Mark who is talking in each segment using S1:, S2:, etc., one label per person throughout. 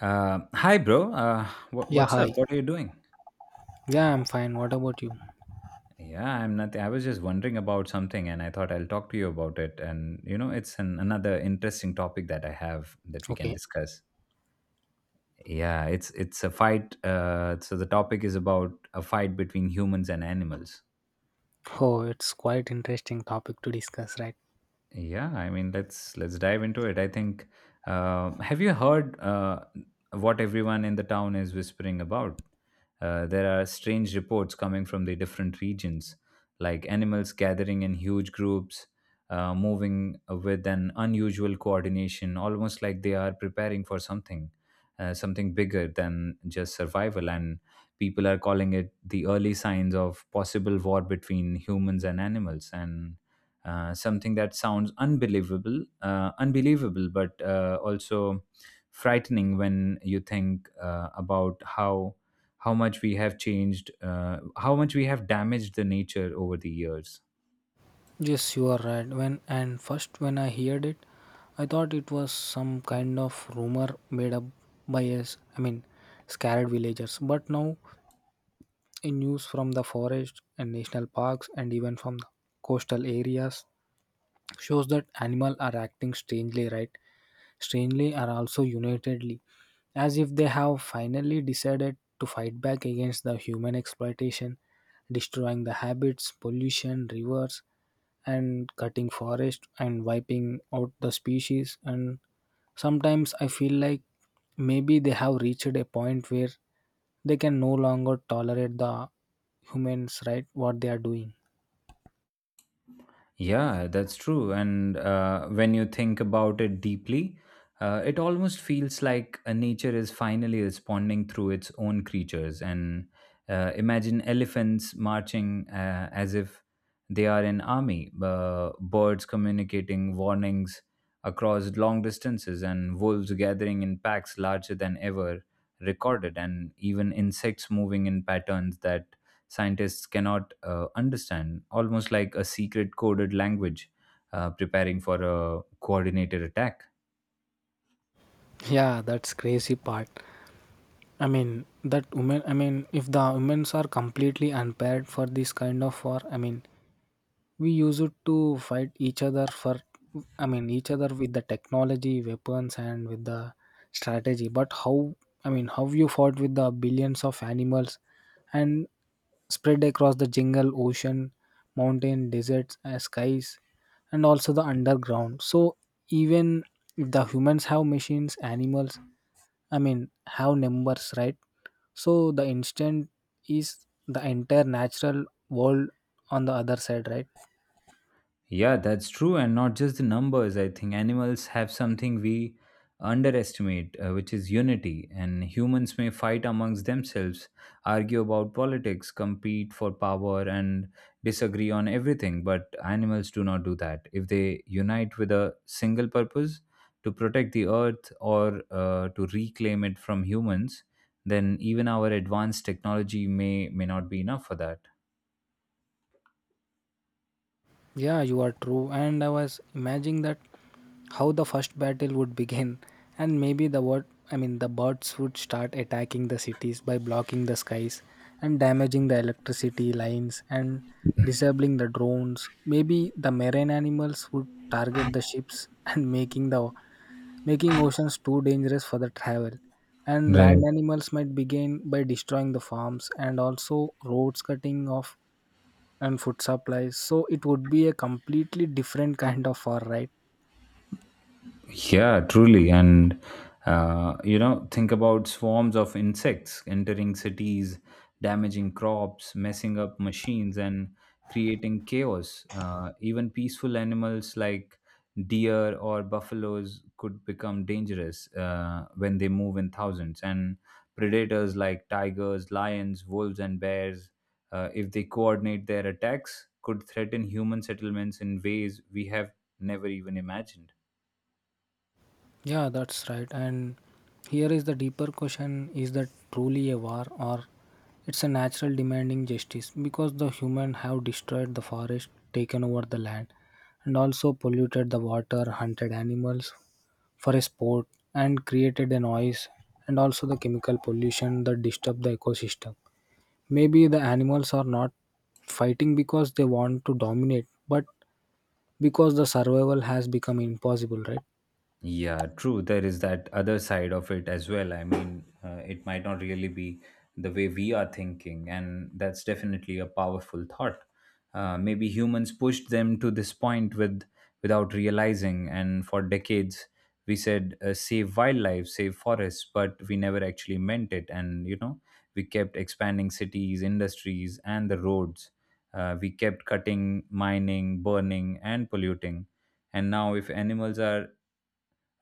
S1: Hi, bro.
S2: Yeah,
S1: What's up?
S2: hi.
S1: What are you doing?
S2: Yeah, I'm fine. What about you?
S1: Yeah, I'm nothing. I was just wondering about something, and I thought I'll talk to you about it. And you know, it's another interesting topic that I have that we can
S2: Okay.
S1: discuss. Yeah, it's a fight. So the topic is about a fight between humans and animals.
S2: Oh, it's quite interesting topic to discuss, right?
S1: Yeah, I mean, let's dive into it, I think. Have you heard what everyone in the town is whispering about? There are strange reports coming from the different regions, like animals gathering in huge groups, moving with an unusual coordination, almost like they are preparing for something, something bigger than just survival. And people are calling it the early signs of possible war between humans and animals. And something that sounds unbelievable, but also frightening when you think about how much we have changed, how much we have damaged the nature over the years.
S2: Yes, you are right. When and first when I heard it, I thought it was some kind of rumor made up by us. I mean, scared villagers. But now, in news from the forest and national parks, and even from the coastal areas, shows that animal are acting strangely, right, strangely are also unitedly as if they have finally decided to fight back against the human exploitation, destroying the habits, pollution rivers, and cutting forest and wiping out the species. And sometimes I feel like maybe they have reached a point where they can no longer tolerate the humans, right, what they are doing.
S1: Yeah, that's true. And when you think about it deeply, it almost feels like nature is finally responding through its own creatures. And imagine elephants marching as if they are an army, birds communicating warnings across long distances, and wolves gathering in packs larger than ever recorded, and even insects moving in patterns that scientists cannot understand, almost like a secret coded language preparing for a coordinated attack.
S2: Yeah, that's crazy part. I mean that women. I mean if the women's are completely unpaired for this kind of war. I mean we use it to fight each other for. I mean each other with the technology, weapons, and with the strategy. But how? I mean how you fought with the billions of animals, and spread across the jungle, ocean, mountain, deserts, skies, and also the underground. So even if the humans have machines, animals. I mean have numbers, right? So the instant is the entire natural world on the other side, right?
S1: Yeah, that's true. And not just the numbers. I think animals have something we underestimate, which is unity. And humans may fight amongst themselves, argue about politics, compete for power, and disagree on everything. But animals do not do that. If they unite with a single purpose to protect the earth or to reclaim it from humans, then even our advanced technology may not be enough for that.
S2: Yeah, you are true. And I was imagining that how the first battle would begin, and maybe the word, I mean the birds would start attacking the cities by blocking the skies and damaging the electricity lines and disabling the drones. Maybe the marine animals would target the ships and making oceans too dangerous for the travel. And land
S1: Right.
S2: animals might begin by destroying the farms and also roads, cutting off and food supplies. So it would be a completely different kind of war, right?
S1: Yeah, truly. You know, think about swarms of insects entering cities, damaging crops, messing up machines, and creating chaos. Even peaceful animals like deer or buffaloes could become dangerous when they move in thousands. And predators like tigers, lions, wolves, and bears, if they coordinate their attacks, could threaten human settlements in ways we have never even imagined.
S2: Yeah, that's right. And here is the deeper question, is that truly a war or it's a natural demanding justice, because the human have destroyed the forest, taken over the land, and also polluted the water, hunted animals for a sport, and created a noise and also the chemical pollution that disturb the ecosystem. Maybe the animals are not fighting because they want to dominate, but because the survival has become impossible, right?
S1: Yeah, true. There is that other side of it as well. I mean, it might not really be the way we are thinking, and that's definitely a powerful thought. Maybe humans pushed them to this point with without realizing, and for decades we said save wildlife, save forests, but we never actually meant it. And you know, we kept expanding cities, industries, and the roads. We kept cutting, mining, burning, and polluting. And now, if animals are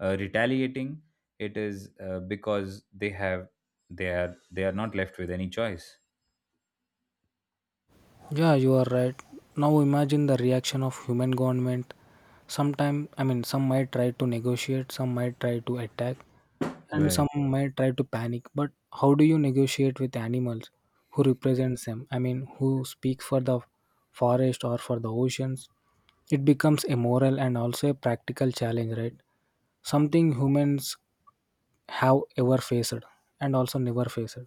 S1: retaliating, it is because they are not left with any choice.
S2: Yeah, you are right. Now imagine the reaction of human government. Sometime, I mean, some might try to negotiate, some might try to attack, and
S1: Right.
S2: some might try to panic. But how do you negotiate with animals who represents them? I mean, who speaks for the forest or for the oceans? It becomes a moral and also a practical challenge, right? Something humans have ever faced and also never faced.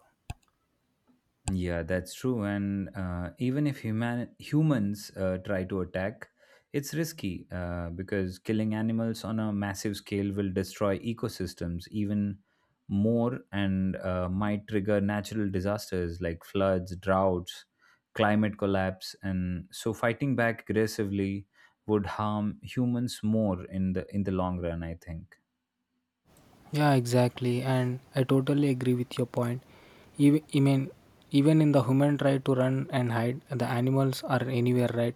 S1: Yeah, that's true. And even if humans try to attack, it's risky because killing animals on a massive scale will destroy ecosystems even more and might trigger natural disasters like floods, droughts, climate collapse, and so fighting back aggressively would harm humans more in the long run, I think.
S2: Yeah, exactly. And I totally agree with your point. Even, I mean, even in the human try to run and hide, the animals are anywhere, right?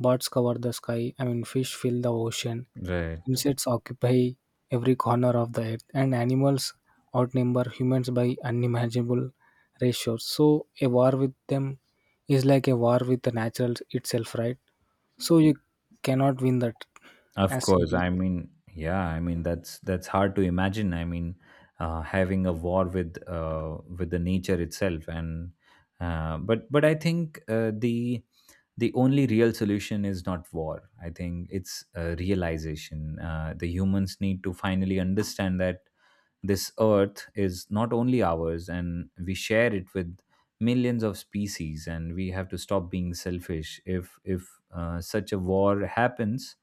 S2: Birds cover the sky. I mean, fish fill the ocean.
S1: Right.
S2: Insects occupy every corner of the earth. And animals outnumber humans by unimaginable ratios. So a war with them is like a war with the natural itself, right? So you cannot win that
S1: Of
S2: as
S1: course,
S2: simply.
S1: I mean, yeah, I mean that's hard to imagine. I mean, having a war with the nature itself, and but I think the only real solution is not war. I think it's realization. The humans need to finally understand that this earth is not only ours, and we share it with millions of species, and we have to stop being selfish. If such a war happens,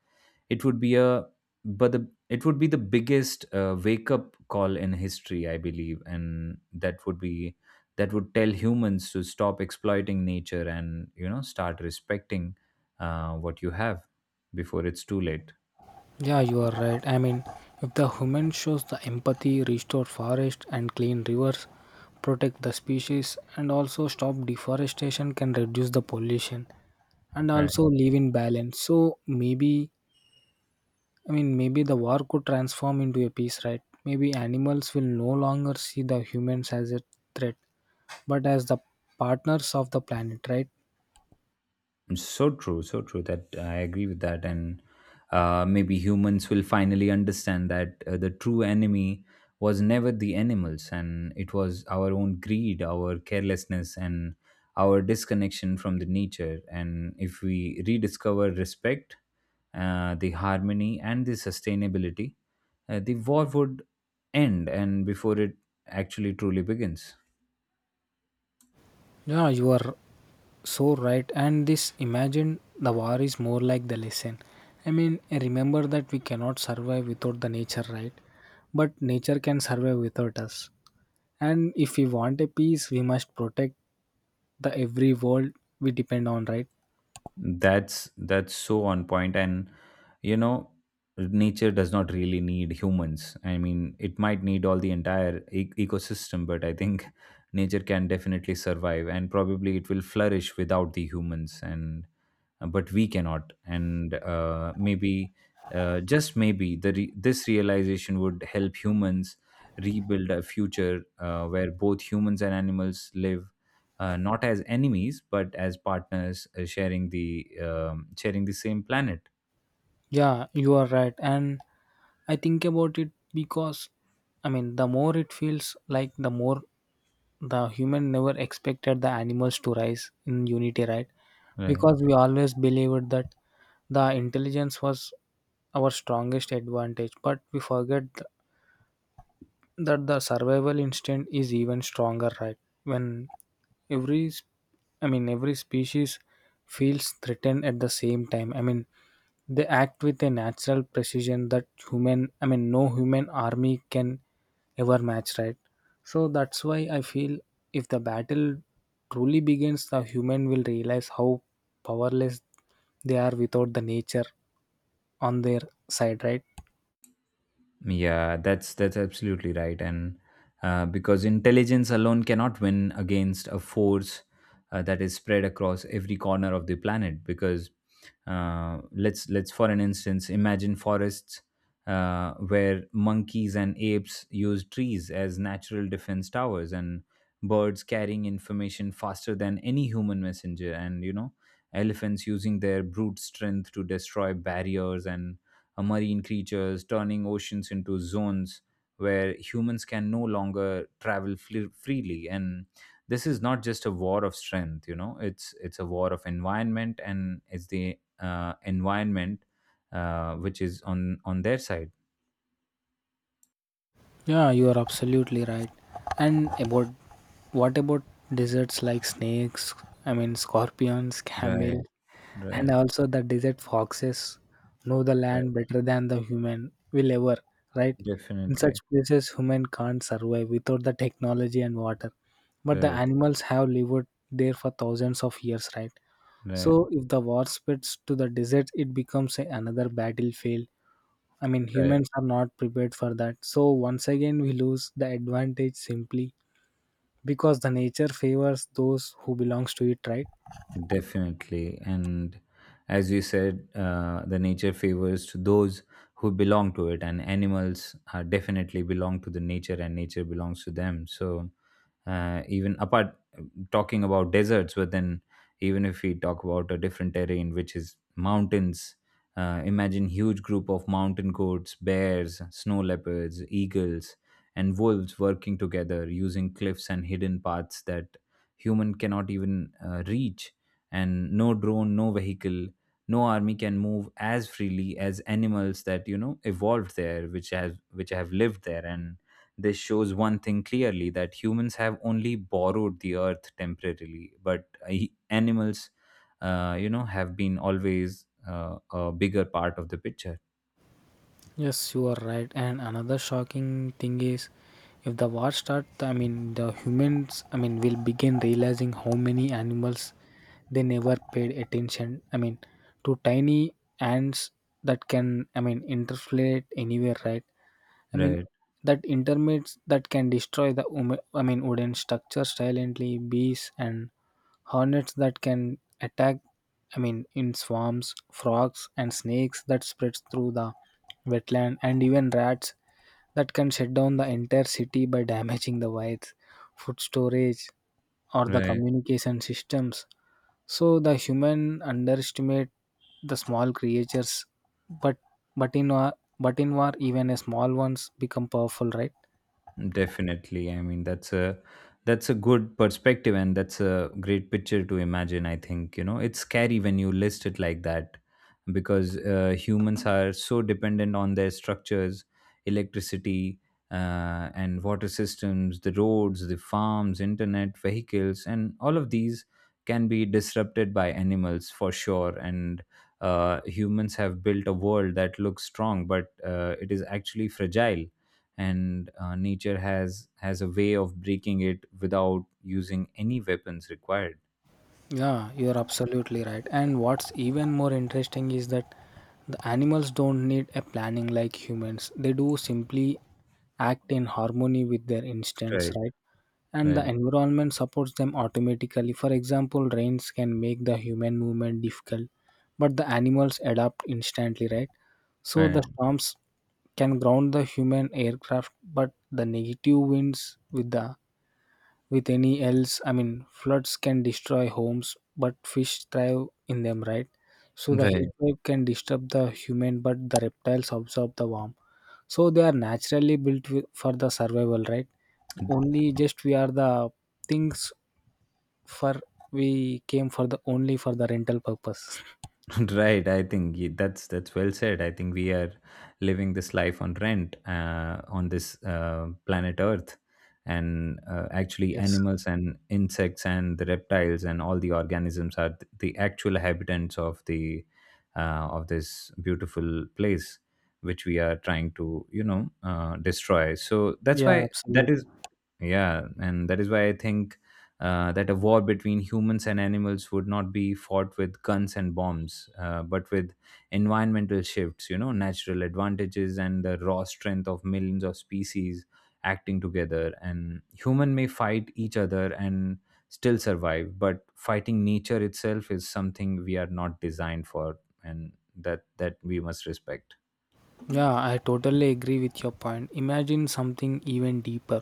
S1: it would be a it would be the biggest wake up call in history, I believe, and that would tell humans to stop exploiting nature and, you know, start respecting what you have before it's too late.
S2: Yeah, you are right. I mean, if the human shows the empathy, restore forest and clean rivers, protect the species and also stop deforestation, can reduce the pollution and also
S1: Right.
S2: live in balance. So maybe, I mean maybe the war could transform into a peace, right? Maybe animals will no longer see the humans as a threat, but as the partners of the planet, right?
S1: So true, so true, that I agree with that. And maybe humans will finally understand that the true enemy was never the animals, and it was our own greed, our carelessness, and our disconnection from the nature. And if we rediscover respect, the harmony, and the sustainability, the war would end, and before it actually truly begins.
S2: Yeah, you are so right. And this imagine the war is more like the lesson. I mean, remember that we cannot survive without the nature, right? But nature can survive without us. And if we want a peace, we must protect the every world we depend on, right?
S1: That's so on point, and, you know, nature does not really need humans. I mean, it might need all the entire ecosystem, but I think nature can definitely survive, and probably it will flourish without the humans. And but we cannot, and maybe just maybe this realization would help humans rebuild a future where both humans and animals live not as enemies but as partners sharing the same planet.
S2: Yeah, you are right. And I think about it because, I mean, the more it feels like, the more the human never expected the animals to rise in unity, right,
S1: Right.
S2: because we always believed that the intelligence was our strongest advantage, but we forget that the survival instinct is even stronger, right? When every s- I mean every species feels threatened at the same time, I mean they act with a natural precision that human, I mean no human army can ever match, right? So that's why I feel if the battle truly begins, the human will realize how powerless they are without the nature on their side, right?
S1: Yeah, that's absolutely right. And because intelligence alone cannot win against a force that is spread across every corner of the planet. Because let's for an instance imagine forests where monkeys and apes use trees as natural defense towers, and birds carrying information faster than any human messenger, and, you know, elephants using their brute strength to destroy barriers, and marine creatures turning oceans into zones where humans can no longer travel freely. And this is not just a war of strength, you know, it's a war of environment, and it's the environment which is on their side.
S2: Yeah, you are absolutely right. And about what about desserts like snakes? I mean, scorpions, camel,
S1: Right,
S2: and
S1: right,
S2: also the desert foxes know the land
S1: right.
S2: better than the human will ever, right? In such
S1: Definitely.
S2: places, human can't survive without the technology and water. But the
S1: Right,
S2: animals have lived there for thousands of years, right?
S1: right,
S2: So if the war spreads to the desert, it becomes another battlefield. I mean,
S1: right.
S2: humans are not prepared for that. So once again, we lose the advantage simply because the nature favors those who belongs to it, right?
S1: Definitely. And as you said, the nature favors to those who belong to it, and animals are definitely belong to the nature, and nature belongs to them. So, even apart talking about deserts, but then even if we talk about a different terrain, which is mountains, imagine huge group of mountain goats, bears, snow leopards, eagles, and wolves working together using cliffs and hidden paths that human cannot even reach, and no drone, no vehicle, no army can move as freely as animals that, you know, evolved there, which have lived there. And this shows one thing clearly, that humans have only borrowed the earth temporarily, but animals, you know, have been always a bigger part of the picture.
S2: Yes, you are right. And another shocking thing is, if the war starts, I mean, the humans, I mean, will begin realizing how many animals they never paid attention. I mean, to tiny ants that can, I mean, interflate anywhere, right? I mean,
S1: right
S2: that intermates that can destroy the I mean wooden structure silently, bees and hornets that can attack. I mean, in swarms, frogs and snakes that spreads through the wetland, and even rats that can shut down the entire city by damaging the wires, food storage, or the
S1: right
S2: communication systems. So the human underestimate the small creatures, but but in war, even a small ones become powerful, right?
S1: Definitely. I mean, that's a good perspective, and that's a great picture to imagine, I think. You know, it's scary when you list it like that because humans are so dependent on their structures, electricity, and water systems, the roads, the farms, internet, vehicles, and all of these can be disrupted by animals for sure. And humans have built a world that looks strong, but it is actually fragile, and nature has a way of breaking it without using any weapons required.
S2: Yeah, you're absolutely right. And what's even more interesting is that the animals don't need a planning like humans. They do simply act in harmony with their instincts,
S1: right
S2: right? And the
S1: right
S2: environment supports them automatically. For example, rains can make the human movement difficult, but the animals adapt instantly, right? So the
S1: right
S2: storms can ground the human aircraft, but the negative winds with the with any else, I mean floods can destroy homes but fish thrive in them, right? So the
S1: right
S2: heat wave can disturb the human but the reptiles absorb the warmth. So they are naturally built for the survival, right? Only just we are the things for we came for the only for the rental purpose.
S1: Right, I think that's well said. I think we are living this life on rent on this planet Earth, and actually,
S2: Yes.
S1: animals and insects and the reptiles and all the organisms are the actual habitants of the of this beautiful place, which we are trying to, you know, destroy. So that's
S2: Yeah,
S1: why that is,
S2: absolutely.
S1: yeah, and that is why I think that a war between humans and animals would not be fought with guns and bombs, but with environmental shifts, you know, natural advantages and the raw strength of millions of species acting together. And human may fight each other and still survive, but fighting nature itself is something we are not designed for, and that we must respect.
S2: Yeah, I totally agree with your point. Imagine something even deeper,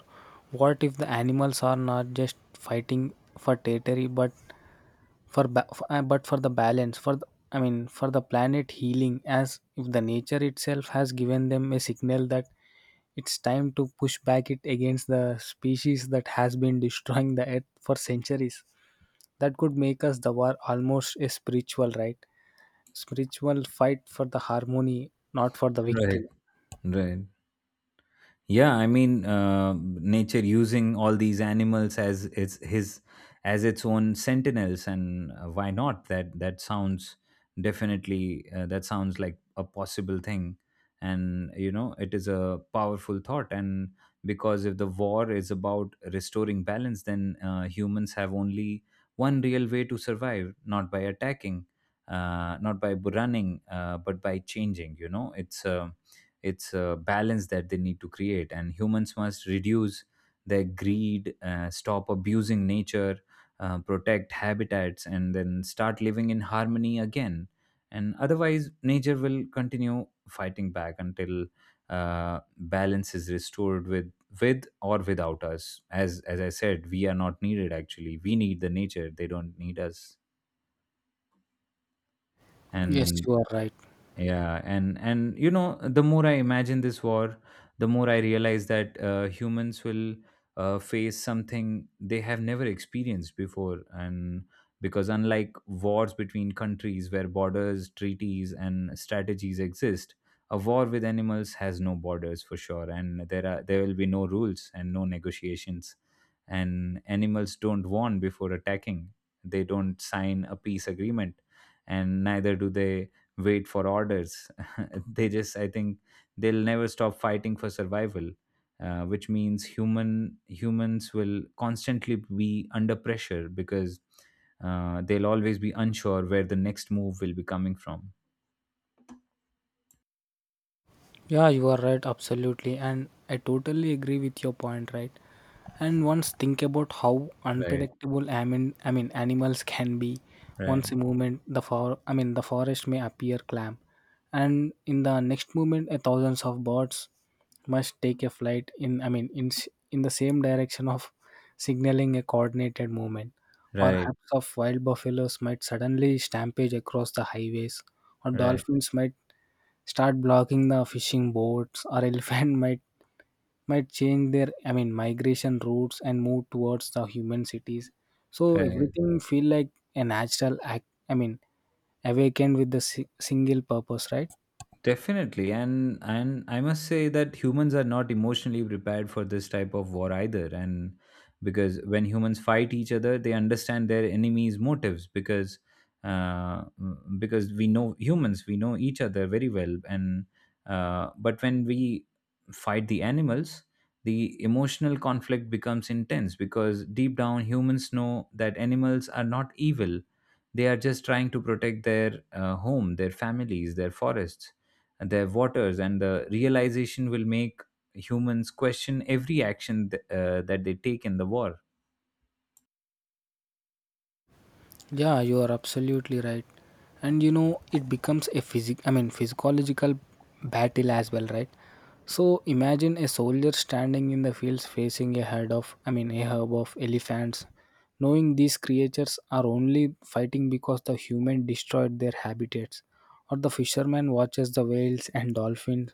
S2: what if the animals are not just fighting for territory but for the balance for the, I mean for the planet healing, as if the nature itself has given them a signal that it's time to push back it against the species that has been destroying the earth for centuries. That could make us the war almost a spiritual, right? Spiritual fight for the harmony, not for the
S1: Right.
S2: victory.
S1: Right. Yeah, I mean, nature using all these animals as its his as its own sentinels, and why not? That that sounds definitely, that sounds like a possible thing, and, you know, it is a powerful thought. And because if the war is about restoring balance, then humans have only one real way to survive: not by attacking, not by running, but by changing, you know. It's a balance that they need to create, and humans must reduce their greed, stop abusing nature, protect habitats, and then start living in harmony again. And otherwise, nature will continue fighting back until balance is restored, with or without us. As I said, we are not needed actually. We need the nature; they don't need us.
S2: Yes,
S1: And
S2: you are right.
S1: Yeah, and, you know, the more I imagine this war, the more I realize that humans will face something they have never experienced before, and because unlike wars between countries where borders, treaties, and strategies exist, a war with animals has no borders for sure, and there will be no rules and no negotiations, and animals don't warn before attacking, they don't sign a peace agreement, and neither do they wait for orders. I think they'll never stop fighting for survival, which means humans will constantly be under pressure because they'll always be unsure where the next move will be coming from.
S2: Yeah, you are right, absolutely. And I totally agree with your point, right? And once think about how
S1: Right,
S2: unpredictable, I mean animals can be.
S1: right,
S2: Once a moment the for, I mean the forest may appear calm, and in the next moment a thousands of birds must take a flight in, I mean in the same direction of signaling a coordinated movement. Or
S1: right,
S2: herds of wild buffaloes might suddenly stampede across the highways, or
S1: right,
S2: dolphins might start blocking the fishing boats, or elephant might change their, I mean migration routes and move towards the human cities. So
S1: right.
S2: everything feel like a natural act, I mean awakened with the single purpose, right?
S1: Definitely, and I must say that humans are not emotionally prepared for this type of war either. And because when humans fight each other, they understand their enemy's motives because because we know humans, we know each other very well. And but when we fight the animals, the emotional conflict becomes intense because deep down humans know that animals are not evil; they are just trying to protect their home, their families, their forests their waters, and the realization will make humans question every action that they take in the war.
S2: Yeah, you are absolutely right. And you know, it becomes a physic, I mean physiological battle as well, right? So imagine a soldier standing in the fields facing a herd of, I mean a herd of elephants, knowing these creatures are only fighting because the human destroyed their habitats. Or the fisherman watches the whales and dolphins,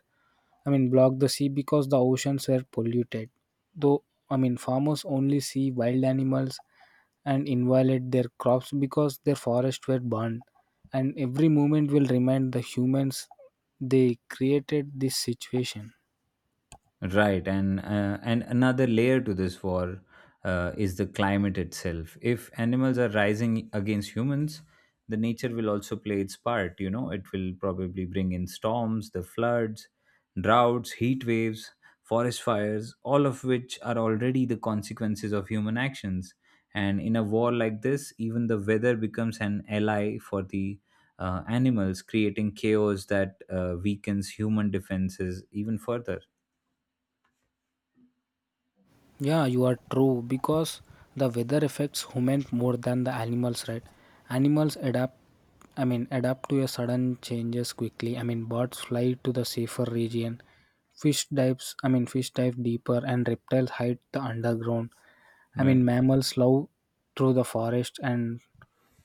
S2: I mean block the sea because the oceans were polluted, though, I mean farmers only see wild animals and inviolate their crops because their forests were burned, and every movement will remind the humans they created this situation.
S1: Right, and another layer to this war is the climate itself. If animals are rising against humans, the nature will also play its part. You know, it will probably bring in storms, the floods, droughts, heat waves, forest fires, all of which are already the consequences of human actions. And in a war like this, even the weather becomes an ally for the animals, creating chaos that weakens human defenses even further.
S2: Yeah, you are true, because the weather affects humans more than the animals, right? Animals adapt, I mean adapt to a sudden changes quickly. I mean birds fly to the safer region, fish dives, I mean fish dive deeper and reptiles hide the underground. I
S1: Right.
S2: mean, mammals love through the forest and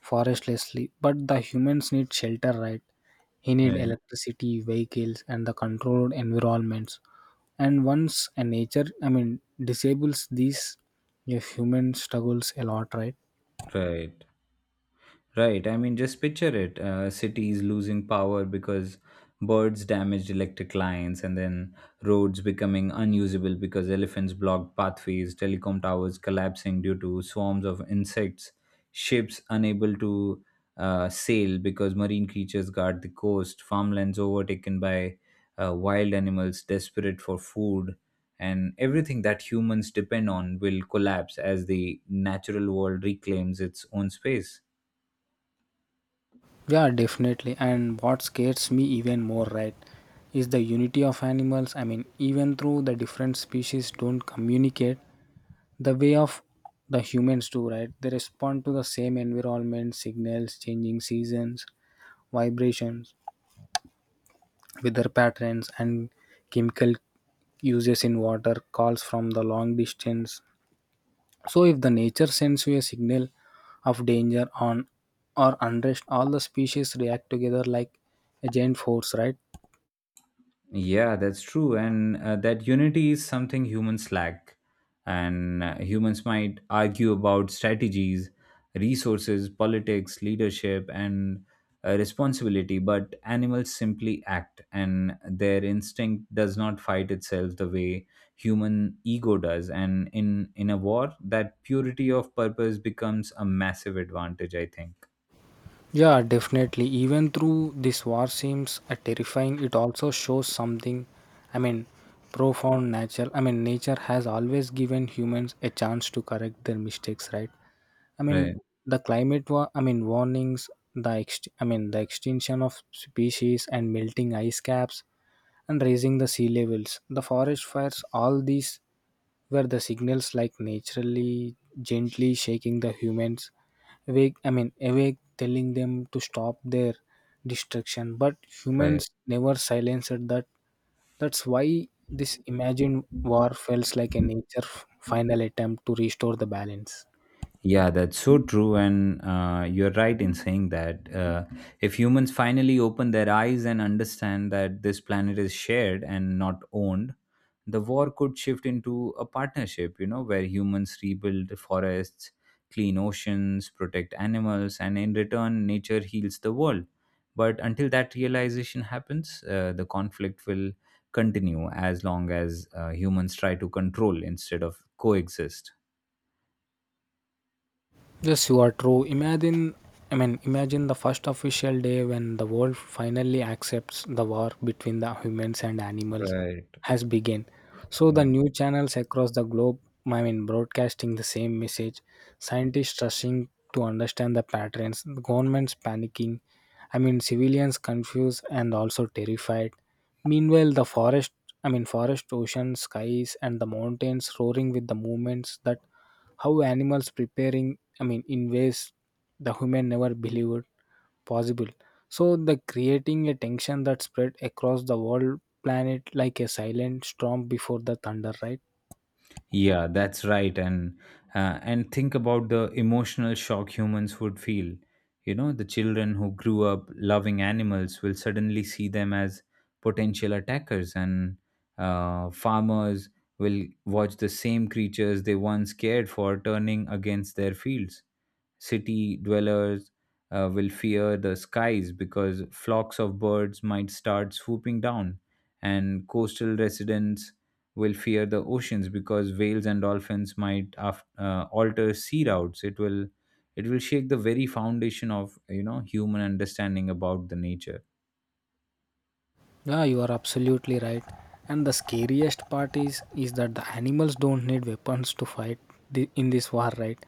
S2: forestlessly, but the humans need shelter, right? He need
S1: Right,
S2: electricity, vehicles, and the controlled environments. And once a nature, I mean, disables these, a human struggles a lot, right?
S1: right. Right. I mean, just picture it. Cities losing power because birds damaged electric lines, and then roads becoming unusable because elephants blocked pathways, telecom towers collapsing due to swarms of insects, ships unable to sail because marine creatures guard the coast, farmlands overtaken by wild animals desperate for food, and everything that humans depend on will collapse as the natural world reclaims its own space.
S2: Yeah, definitely. And what scares me even more, right, is the unity of animals. I mean, even though the different species don't communicate, the way of the humans too, right? They respond to the same environment signals, changing seasons, vibrations, weather patterns, and chemical uses in water, calls from the long distance. So if the nature sends you a signal of danger on or unrest, all the species react together like a giant force, right?
S1: Yeah, that's true. And that unity is something humans lack. And humans might argue about strategies, resources, politics, leadership, and responsibility, but animals simply act, and their instinct does not fight itself the way human ego does. And in a war, that purity of purpose becomes a massive advantage, I think.
S2: Yeah, definitely. Even through this war seems terrifying, it also shows something. I mean, profound nature. I mean, nature has always given humans a chance to correct their mistakes, right? I mean,
S1: Right,
S2: the climate war. I mean, warnings. I mean, the extinction of species and melting ice caps and raising the sea levels. The forest fires. All these where the signals like naturally gently shaking the humans awake I mean awake, telling them to stop their destruction, but
S1: right.
S2: humans never silenced that. That's why this imagined war feels like a nature final attempt to restore the balance.
S1: Yeah, that's so true. And you're right in saying that if humans finally open their eyes and understand that this planet is shared and not owned, the war could shift into a partnership, you know, where humans rebuild forests, clean oceans, protect animals, and in return, nature heals the world. But until that realization happens, the conflict will continue as long as humans try to control instead of coexist.
S2: Yes, you are true. Imagine the first official day when the world finally accepts the war between the humans and animals
S1: Right.
S2: has begun. So the new channels across the globe, broadcasting the same message. Scientists rushing to understand the patterns. Governments panicking. I mean, civilians confused and also terrified. Meanwhile, the forest, I mean, forest, ocean, skies, and the mountains roaring with the movements, that how animals preparing, in ways the human never believed possible. So the creating a tension that spread across the world planet like a silent storm before the thunder, right?
S1: Yeah, that's right. And think about the emotional shock humans would feel. You know, the children who grew up loving animals will suddenly see them as potential attackers, and farmers will watch the same creatures they once cared for turning against their fields. City dwellers will fear the skies because flocks of birds might start swooping down, and coastal residents will fear the oceans because whales and dolphins alter sea routes. It will it will shake the very foundation of, you know, human understanding about the nature.
S2: Yeah, you are absolutely right. And the scariest part is that the animals don't need weapons to fight in this war, right?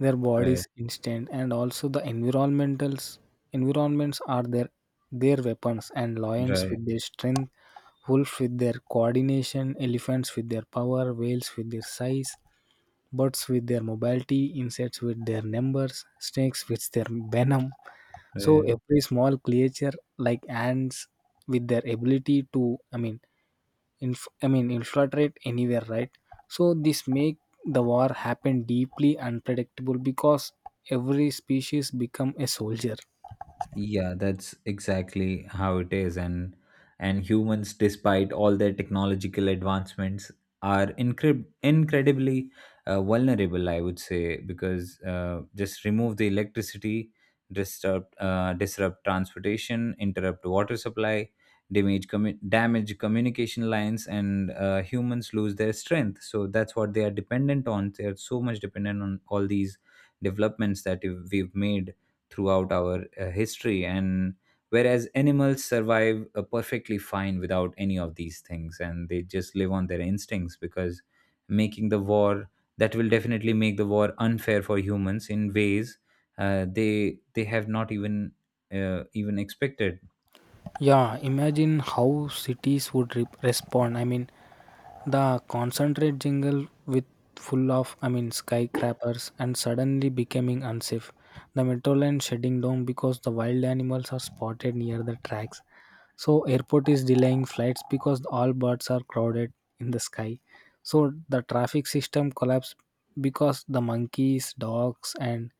S2: Their
S1: Right,
S2: bodies instant, and also the environmentals environments are their weapons, and lions with
S1: right,
S2: their strength, wolves with their coordination, elephants with their power, whales with their size, birds with their mobility, insects with their numbers, snakes with their venom, so
S1: right.
S2: every small creature like ants with their ability to, infiltrate anywhere, right? So this make the war happen deeply unpredictable because every species become a soldier.
S1: Yeah, that's exactly how it is. And humans, despite all their technological advancements, are incredibly vulnerable, I would say, because just remove the electricity, disrupt transportation, interrupt water supply, damage communication lines, and humans lose their strength. So that's what they are dependent on. They are so much dependent on all these developments that we've made throughout our history and whereas animals survive perfectly fine without any of these things and they just live on their instincts because making the war that will definitely make the war unfair for humans in ways they have not even even expected.
S2: Yeah, imagine how cities would respond. I mean, the concentrate jingle with full of, skyscrapers, and suddenly becoming unsafe. The metro line shutting down because the wild animals are spotted near the tracks. So airport is delaying flights because all birds are crowded in the sky. So the traffic system collapsed because the monkeys, dogs, and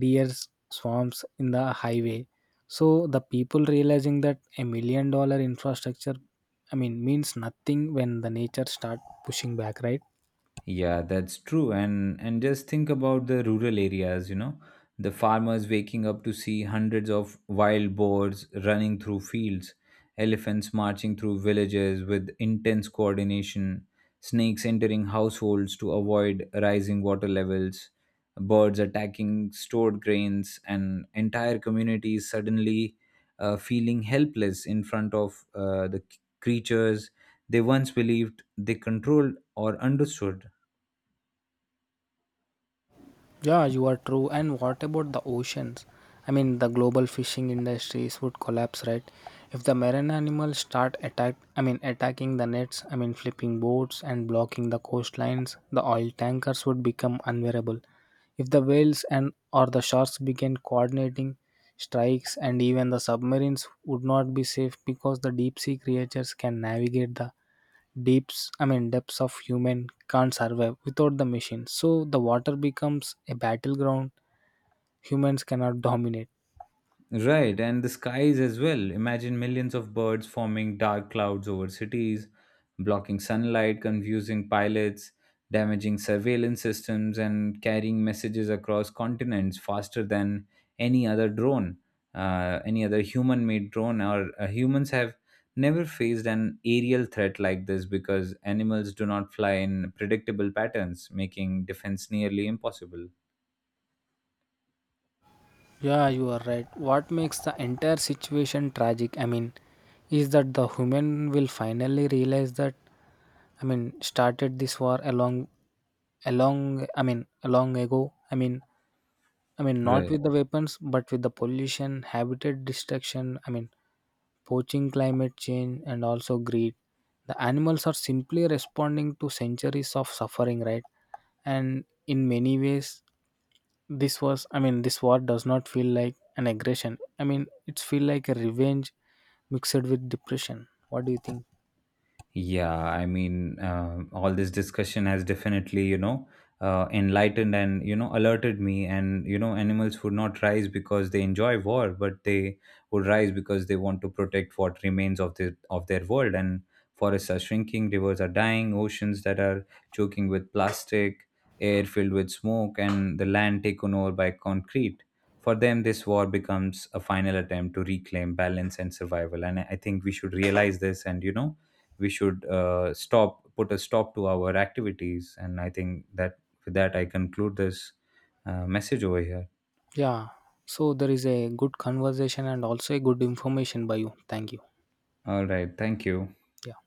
S2: deers swarms in the highway. So the people realizing that a million dollar infrastructure, means nothing when the nature start pushing back, right?
S1: Yeah, that's true. And just think about the rural areas, you know, the farmers waking up to see hundreds of wild boars running through fields, elephants marching through villages with intense coordination, snakes entering households to avoid rising water levels, birds attacking stored grains, and entire communities suddenly feeling helpless in front of the creatures they once believed they controlled or understood.
S2: Yeah, you are true. And what about the oceans? I mean, the global fishing industries would collapse, right? If the marine animals start attacking the nets, I mean, flipping boats and blocking the coastlines, the oil tankers would become unbearable. If the whales and or the sharks began coordinating strikes, and even the submarines would not be safe because the deep sea creatures can navigate the deeps I mean depths of human can't survive without the machine. So the water becomes a battleground humans cannot dominate.
S1: Right, and the skies as well. Imagine millions of birds forming dark clouds over cities, blocking sunlight, confusing pilots, damaging surveillance systems, and carrying messages across continents faster than any other drone, any other human made drone. Or humans have never faced an aerial threat like this because animals do not fly in predictable patterns, making defense nearly impossible.
S2: Yeah, you are right. What makes the entire situation tragic, is that the human will finally realize that, I mean, started this war along ago. Not
S1: Right.
S2: with the weapons, but with the pollution, habitat destruction. Poaching, climate change, and also greed. The animals are simply responding to centuries of suffering, right? And in many ways, this was. I mean, this war does not feel like an aggression. It's feel like a revenge mixed with depression. What do you think?
S1: Yeah, I mean, all this discussion has definitely, you know, enlightened and, you know, alerted me. And, you know, animals would not rise because they enjoy war, but they would rise because they want to protect what remains of the of their world. And forests are shrinking, rivers are dying, oceans that are choking with plastic, air filled with smoke, and the land taken over by concrete. For them, this war becomes a final attempt to reclaim balance and survival. And I think we should realize this and, you know, we should stop put a stop to our activities and I think that with that I conclude this message over here.
S2: Yeah. So there is a good conversation and also a good information by you. Thank you.
S1: All right, thank you.
S2: Yeah.